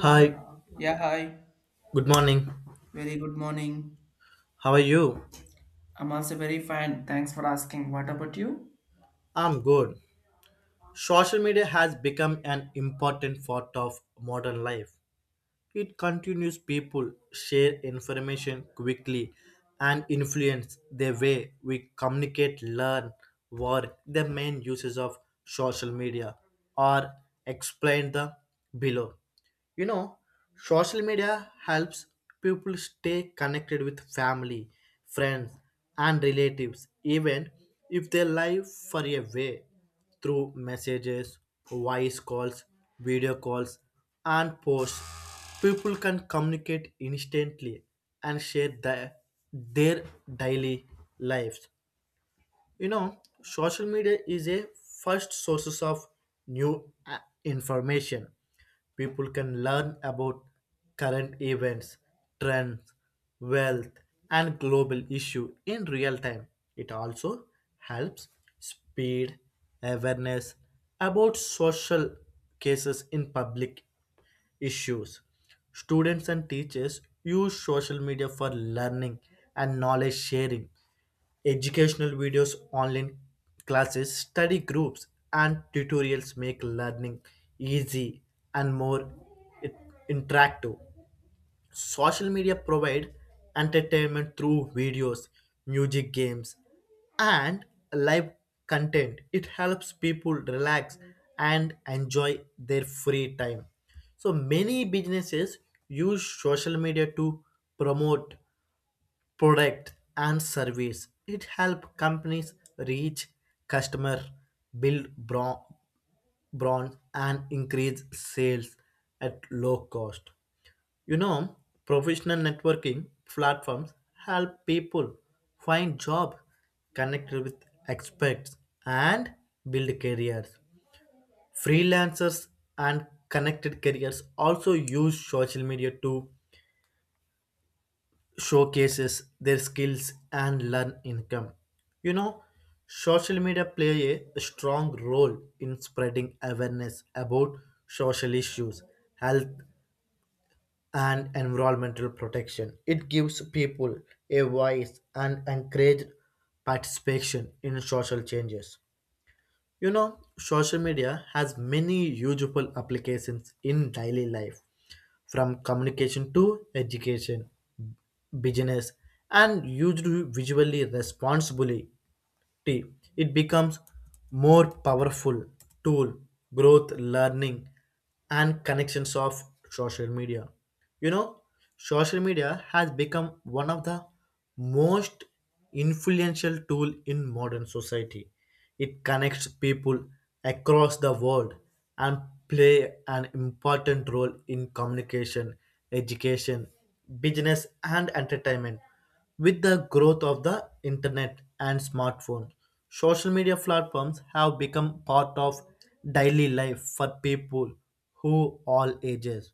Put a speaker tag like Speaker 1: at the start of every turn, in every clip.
Speaker 1: Hi,
Speaker 2: Yeah, hi.
Speaker 1: good morning.
Speaker 2: Very good morning.
Speaker 1: How are you?
Speaker 2: I'm also very fine. Thanks for asking. What about you?
Speaker 1: I'm good. Social media has become an important part of modern life. It continues people share information quickly and influence the way we communicate, learn, work. The main uses of social media are explained the below. You know, Social media helps people stay connected with family, friends, and relatives, even if they live far away, through messages, voice calls, video calls, and posts. People can communicate instantly and share their daily lives. Social media is a first sources of new information. People can learn about current events, trends, wealth, and global issue in real time. It also helps speed awareness about social cases in public issues. Students and teachers use social media for learning and knowledge sharing, educational videos, online classes, study groups, and tutorials make learning easy and more i- interactive. Social media provide entertainment through videos, music, games, and live content. It helps people relax and enjoy their free time. So many businesses use social media to promote product and service. It helps companies reach customer, build brand, and increase sales at low cost. You know, Professional networking platforms help people find jobs, connect with experts, and build careers. Freelancers and connected careers also use social media to showcases their skills and learn income. You know, Social media play a strong role in spreading awareness about social issues, health and environmental protection. It gives people a voice and encourage participation in social changes. Social media has many useful applications in daily life, from communication to education, business, and used visually responsibly tea it becomes more powerful tool growth learning and connections of social media you know social media has become one of the most influential tool in modern society. It connects people across the world and play an important role in communication, education, business and entertainment. With the growth of the internet and smartphones, social media platforms have become part of daily life for people who all ages.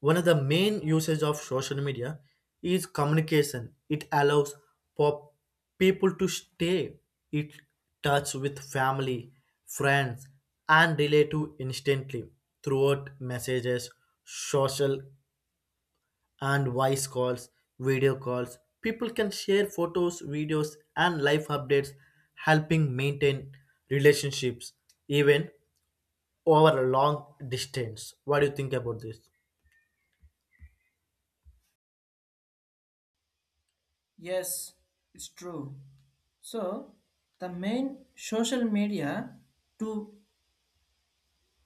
Speaker 1: One of the main uses of social media is communication. It allows for people to stay in touch with family, friends, and relative instantly throughout messages, social and voice calls, video calls. People can share photos, videos, and life updates, helping maintain relationships even over a long distance. What do you think about this?
Speaker 2: Yes, it's true. So, the main social media to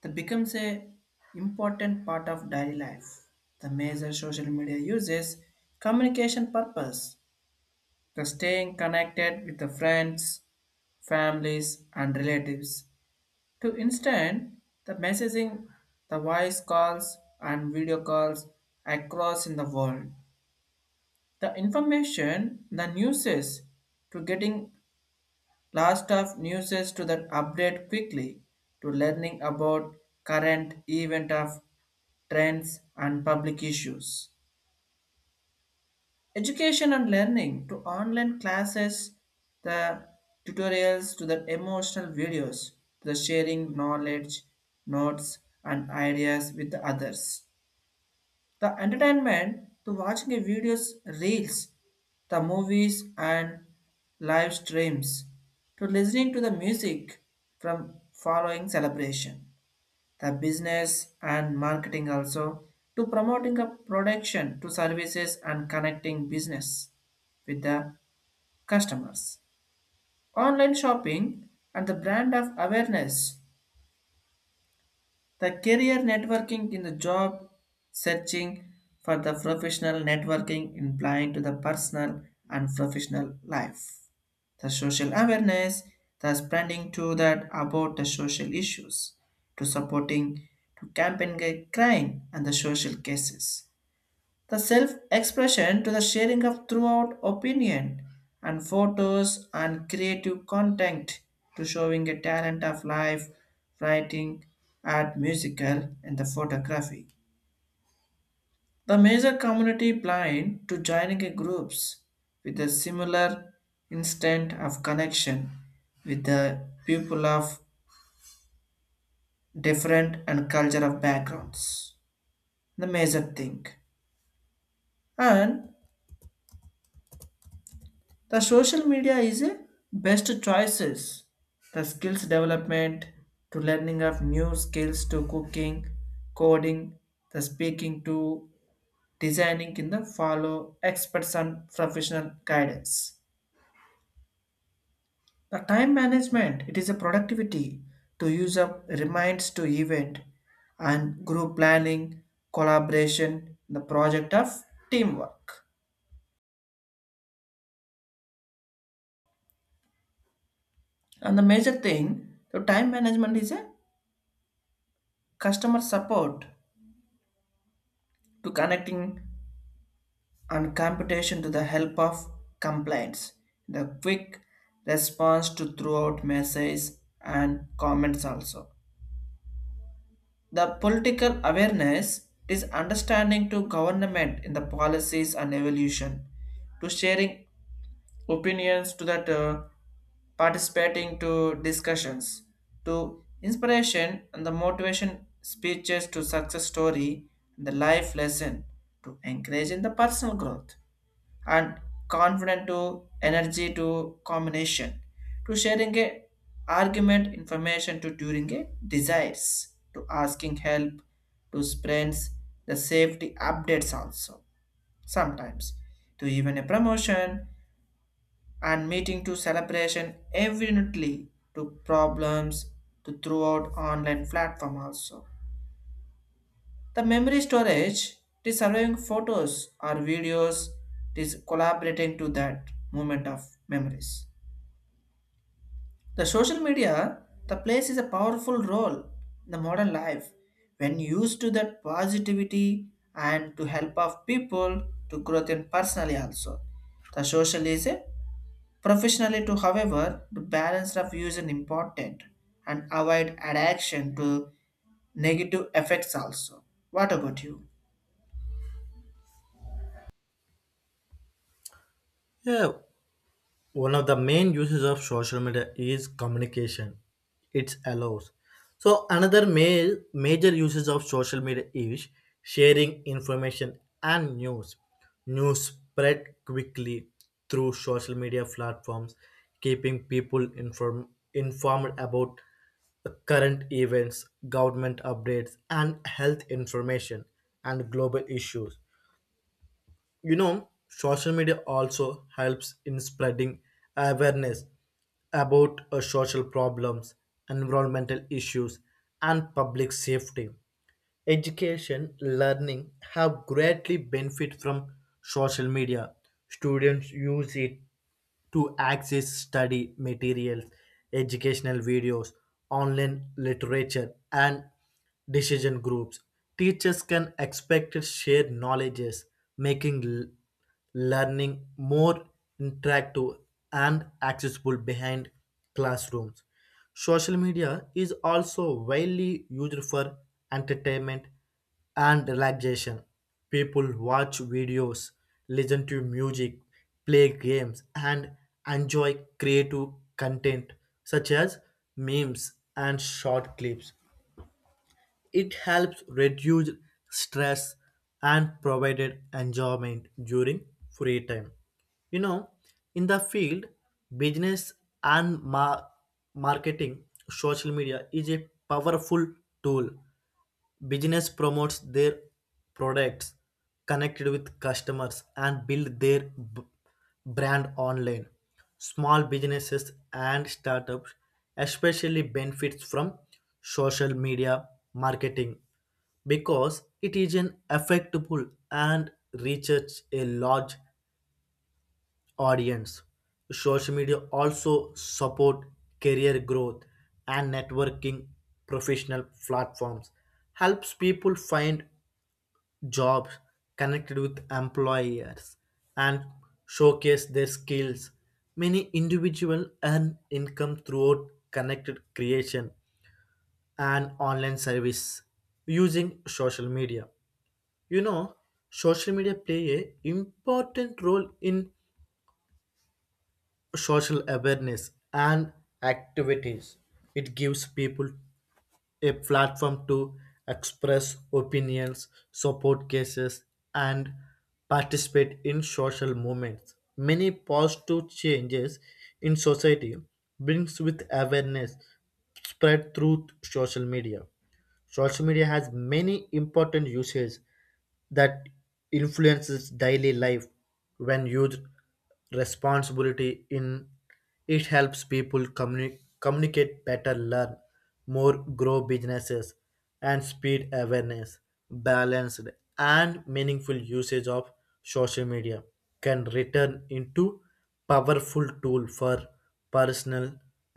Speaker 2: that becomes a important part of daily life. The major social media uses communication purpose, the staying connected with the friends, families and relatives to instant the messaging, the voice calls and video calls across in the world. The information, the newses to getting last of newses to that update quickly, to learning about current event of trends and public issues. Education and learning to online classes, the tutorials to the emotional videos, to the sharing knowledge, notes, and ideas with the others. The entertainment to watching a videos, reels, the movies, and live streams, to listening to the music from following celebration, the business and marketing also to promoting a production to services and connecting business with the customers, online shopping and the brand of awareness, the career networking in the job searching for the professional networking implying to the personal and professional life. The social awareness, the spreading to that about the social issues, to supporting to campaign crime and the social cases, the self-expression to the sharing of throughout opinion and photos and creative content, to showing a talent of life writing, art, musical and the photography, the major community blind to joining a groups with a similar instant of connection with the people of different and culture of backgrounds, the major thing. And the social media is a best choices. The skills development to learning of new skills to cooking, coding, the speaking to designing in the follow experts and professional guidance. The time management, it is a productivity to use up reminds to event and group planning, collaboration, the project of teamwork. And the major thing, the time management is a customer support to connecting and computation to the help of complaints. The quick response to throughout messages and comments also. The political awareness is understanding to government in the policies and evolution, to sharing opinions to that participating to discussions, to inspiration and the motivation speeches to success story and the life lesson to encourage in the personal growth. And confident to energy to combination, to sharing a argument information to during a desires, to asking help, to sprints, the safety updates also sometimes, to even a promotion and meeting to celebration evidently, to problems, to throughout online platform also. The memory storage, it is surveying photos or videos, it is collaborating to that moment of memories. The social media, the place is a powerful role in the modern life when used to that positivity and to help of people to growth in personally also. The social is a professionally to however the balance of use is important and avoid addiction to negative effects also. What about you?
Speaker 1: Yeah, one of the main uses of social media is communication. It allows so another major uses of social media is sharing information and news. News spread quickly through social media platforms, keeping people informed about current events, government updates and health information and global issues. Social media also helps in spreading awareness about social problems, environmental issues and public safety. Education, learning have greatly benefit from social media. Students use it to access study materials, educational videos, online literature, and decision groups. Teachers can expect to share knowledges, making learning more interactive and accessible behind classrooms. Social media is also widely used for entertainment and relaxation. People watch videos, listen to music, play games, and enjoy creative content such as memes and short clips. It helps reduce stress and provided enjoyment during free time. You know, in the field, business and marketing, social media is a powerful tool. Business promotes their products, connected with customers, and build their b- brand online. Small businesses and startups especially benefits from social media marketing because it is an effective and reaches a large audience. Social media also support career growth and networking professional platforms. Helps people find jobs, connected with employers and showcase their skills. Many individuals earn income throughout connected creation and online service using social media. You know, Social media play a important role in social awareness and activities. It gives people a platform to express opinions, support cases, and participate in social movements. Many positive changes in society brings with awareness spread through social media. Social media has many important uses that influences daily life when used responsibility in it helps people communicate better, learn more, grow businesses and speed awareness. Balanced and meaningful usage of social media can return into powerful tool for personal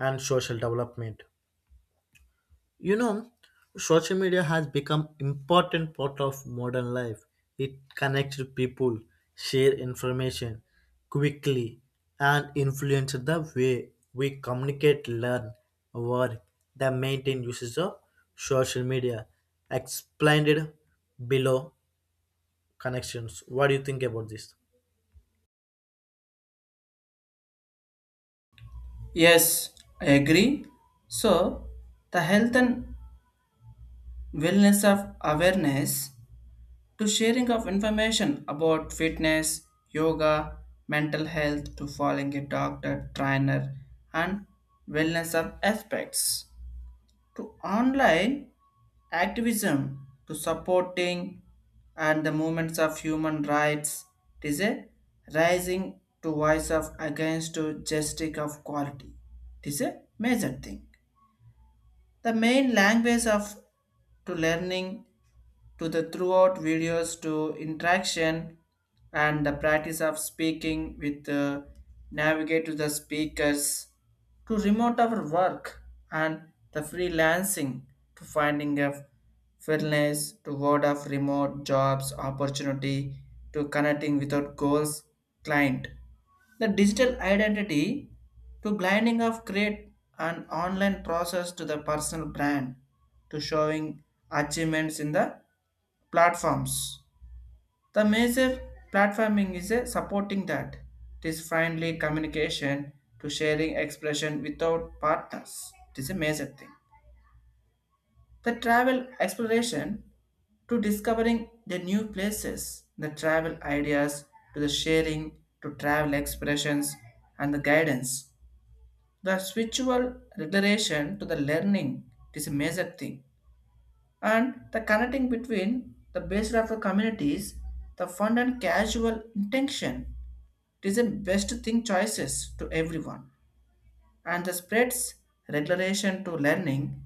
Speaker 1: and social development. You know, social media has become important part of modern life. It connects people, share information quickly, and influence the way we communicate, learn, work. The maintain uses of social media explained below connections. What do you think about this?
Speaker 2: Yes, I agree. So, the health and wellness of awareness to sharing of information about fitness, yoga, mental health, to following a doctor, trainer, and wellness of aspects, to online activism to supporting and the movements of human rights. It is a rising to voice of against to justice of quality. It is a major thing. The main language of to learning to the throughout videos, to interaction and the practice of speaking with navigate to the speakers, to remote our work and the freelancing to finding of fairness to word of remote jobs opportunity, to connecting without goals client. The digital identity to blinding of create an online process to the personal brand, to showing achievements in the platforms. The major platforming is a supporting that. It is finally communication to sharing expression without partners. It is a major thing. The travel exploration to discovering the new places, the travel ideas, to the sharing, to travel expressions, and the guidance. The spiritual declaration to the learning is a major thing. And the connecting between the base of the communities, the fun and casual intention, it is the best thing choices to everyone. And the spreads regulation to learning,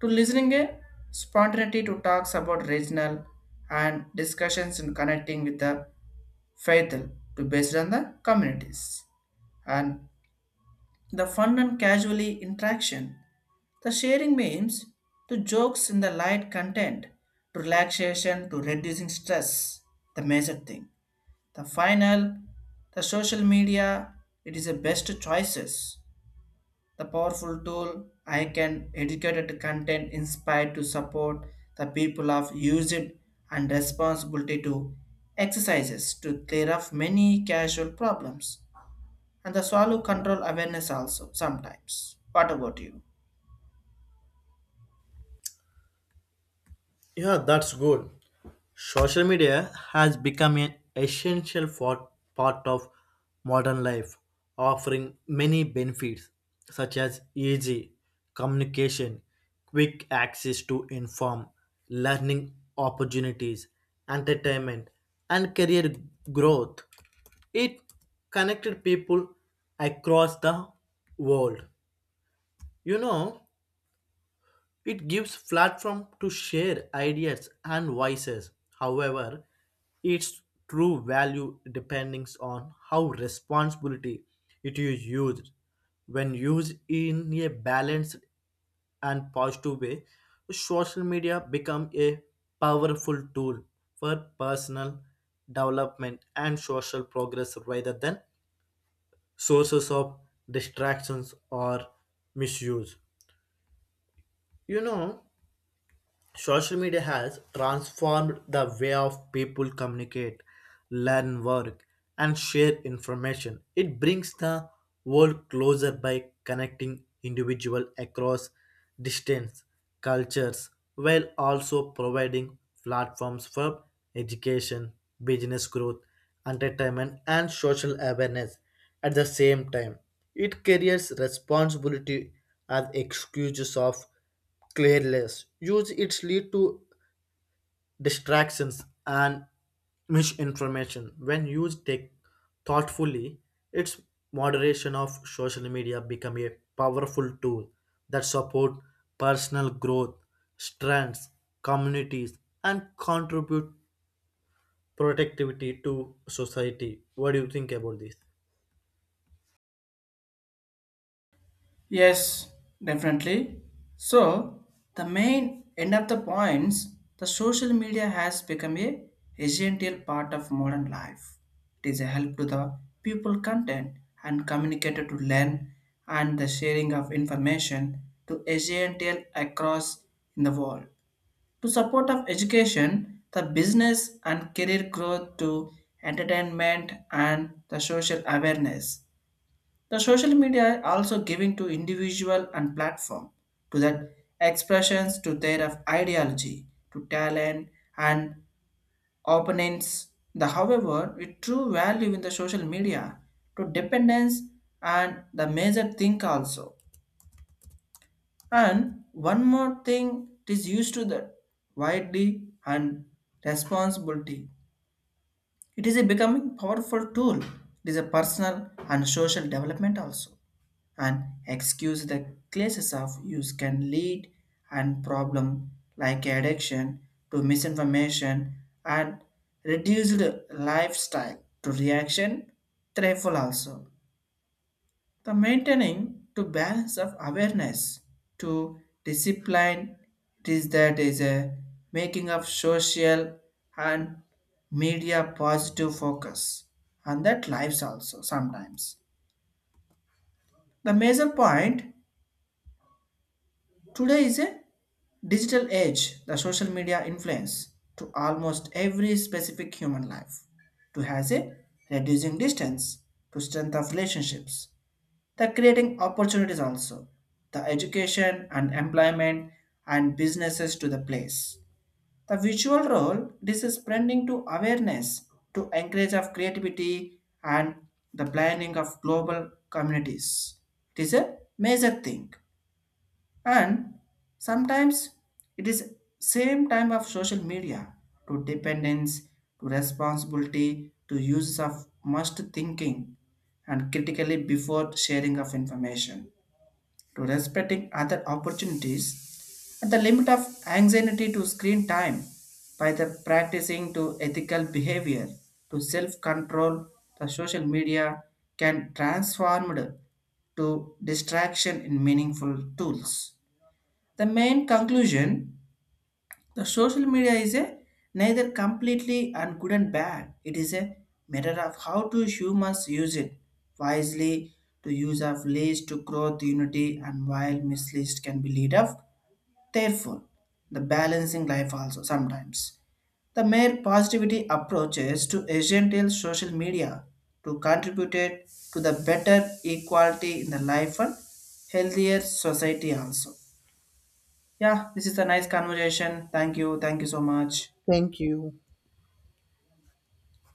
Speaker 2: to listening a spontaneity to talks about regional and discussions in connecting with the faithful to based on the communities, and the fun and casually interaction. The sharing means to jokes in the light content, to relaxation, to reducing stress, the major thing. The final, the social media, it is the best choices, the powerful tool I can educated content inspired to support the people of use it and responsibility to exercises to clear up many casual problems and the swallow control awareness also sometimes. What about you?
Speaker 1: Yeah, that's good. Social media has become an essential for, part of modern life, offering many benefits such as easy communication, quick access to inform, learning opportunities, entertainment, and career growth. It connected people across the world. You know, it gives platform to share ideas and voices. However, its true value depends on how responsibility it is used. When used in a balanced and positive way, social media become a powerful tool for personal development and social progress rather than sources of distractions or misuse. You know, Social media has transformed the way of people communicate, learn, work, and share information. It brings the world closer by connecting individuals across distance, cultures, while also providing platforms for education, business growth, entertainment, and social awareness. At the same time, it carries responsibility as excuses of Clearless use its lead to distractions and misinformation. When used take thoughtfully, its moderation of social media become a powerful tool that support personal growth, strengths, communities, and contribute productivity to society. What do you think about this?
Speaker 2: Yes, definitely. So, the main end of the points, the social media has become a essential part of modern life. It is a help to the people content and communicator to learn and the sharing of information to essential across in the world. To support of education, the business and career growth to entertainment and the social awareness, the social media are also giving to individual and platform to that expressions to their of ideology, to talent and opponents. The however, the true value in the social media to dependence and the major thing also. And one more thing, it is used to the widely and responsibility. It is a becoming powerful tool. It is a personal and social development also. And excuse the classes of use can lead and problem like addiction to misinformation and reduced lifestyle to reaction threatful also. The maintaining to balance of awareness to discipline, it is that is a making of social and media positive focus and that lives also sometimes. The major point today is a digital age, the social media influence to almost every specific human life, to has a reducing distance, to strength of relationships, the creating opportunities also, the education and employment and businesses to the place. The visual role, this is spreading to awareness, to encourage of creativity and the planning of global communities. It is a major thing, and sometimes it is same time of social media to dependence to responsibility to use of must thinking and critically before sharing of information, to respecting other opportunities at the limit of anxiety to screen time. By the practicing to ethical behavior to self control, the social media can transform to distraction in meaningful tools. The main conclusion, the social media is a neither completely and good and bad. It is a matter of how to humans use it wisely, to use of leads to growth unity, and while misleads can be lead up. Therefore, the balancing life also sometimes. The mere positivity approaches to essential social media to contribute it to the better equality in the life and healthier society also. Yeah, this is a nice conversation. Thank you. Thank you so much.
Speaker 1: Thank you.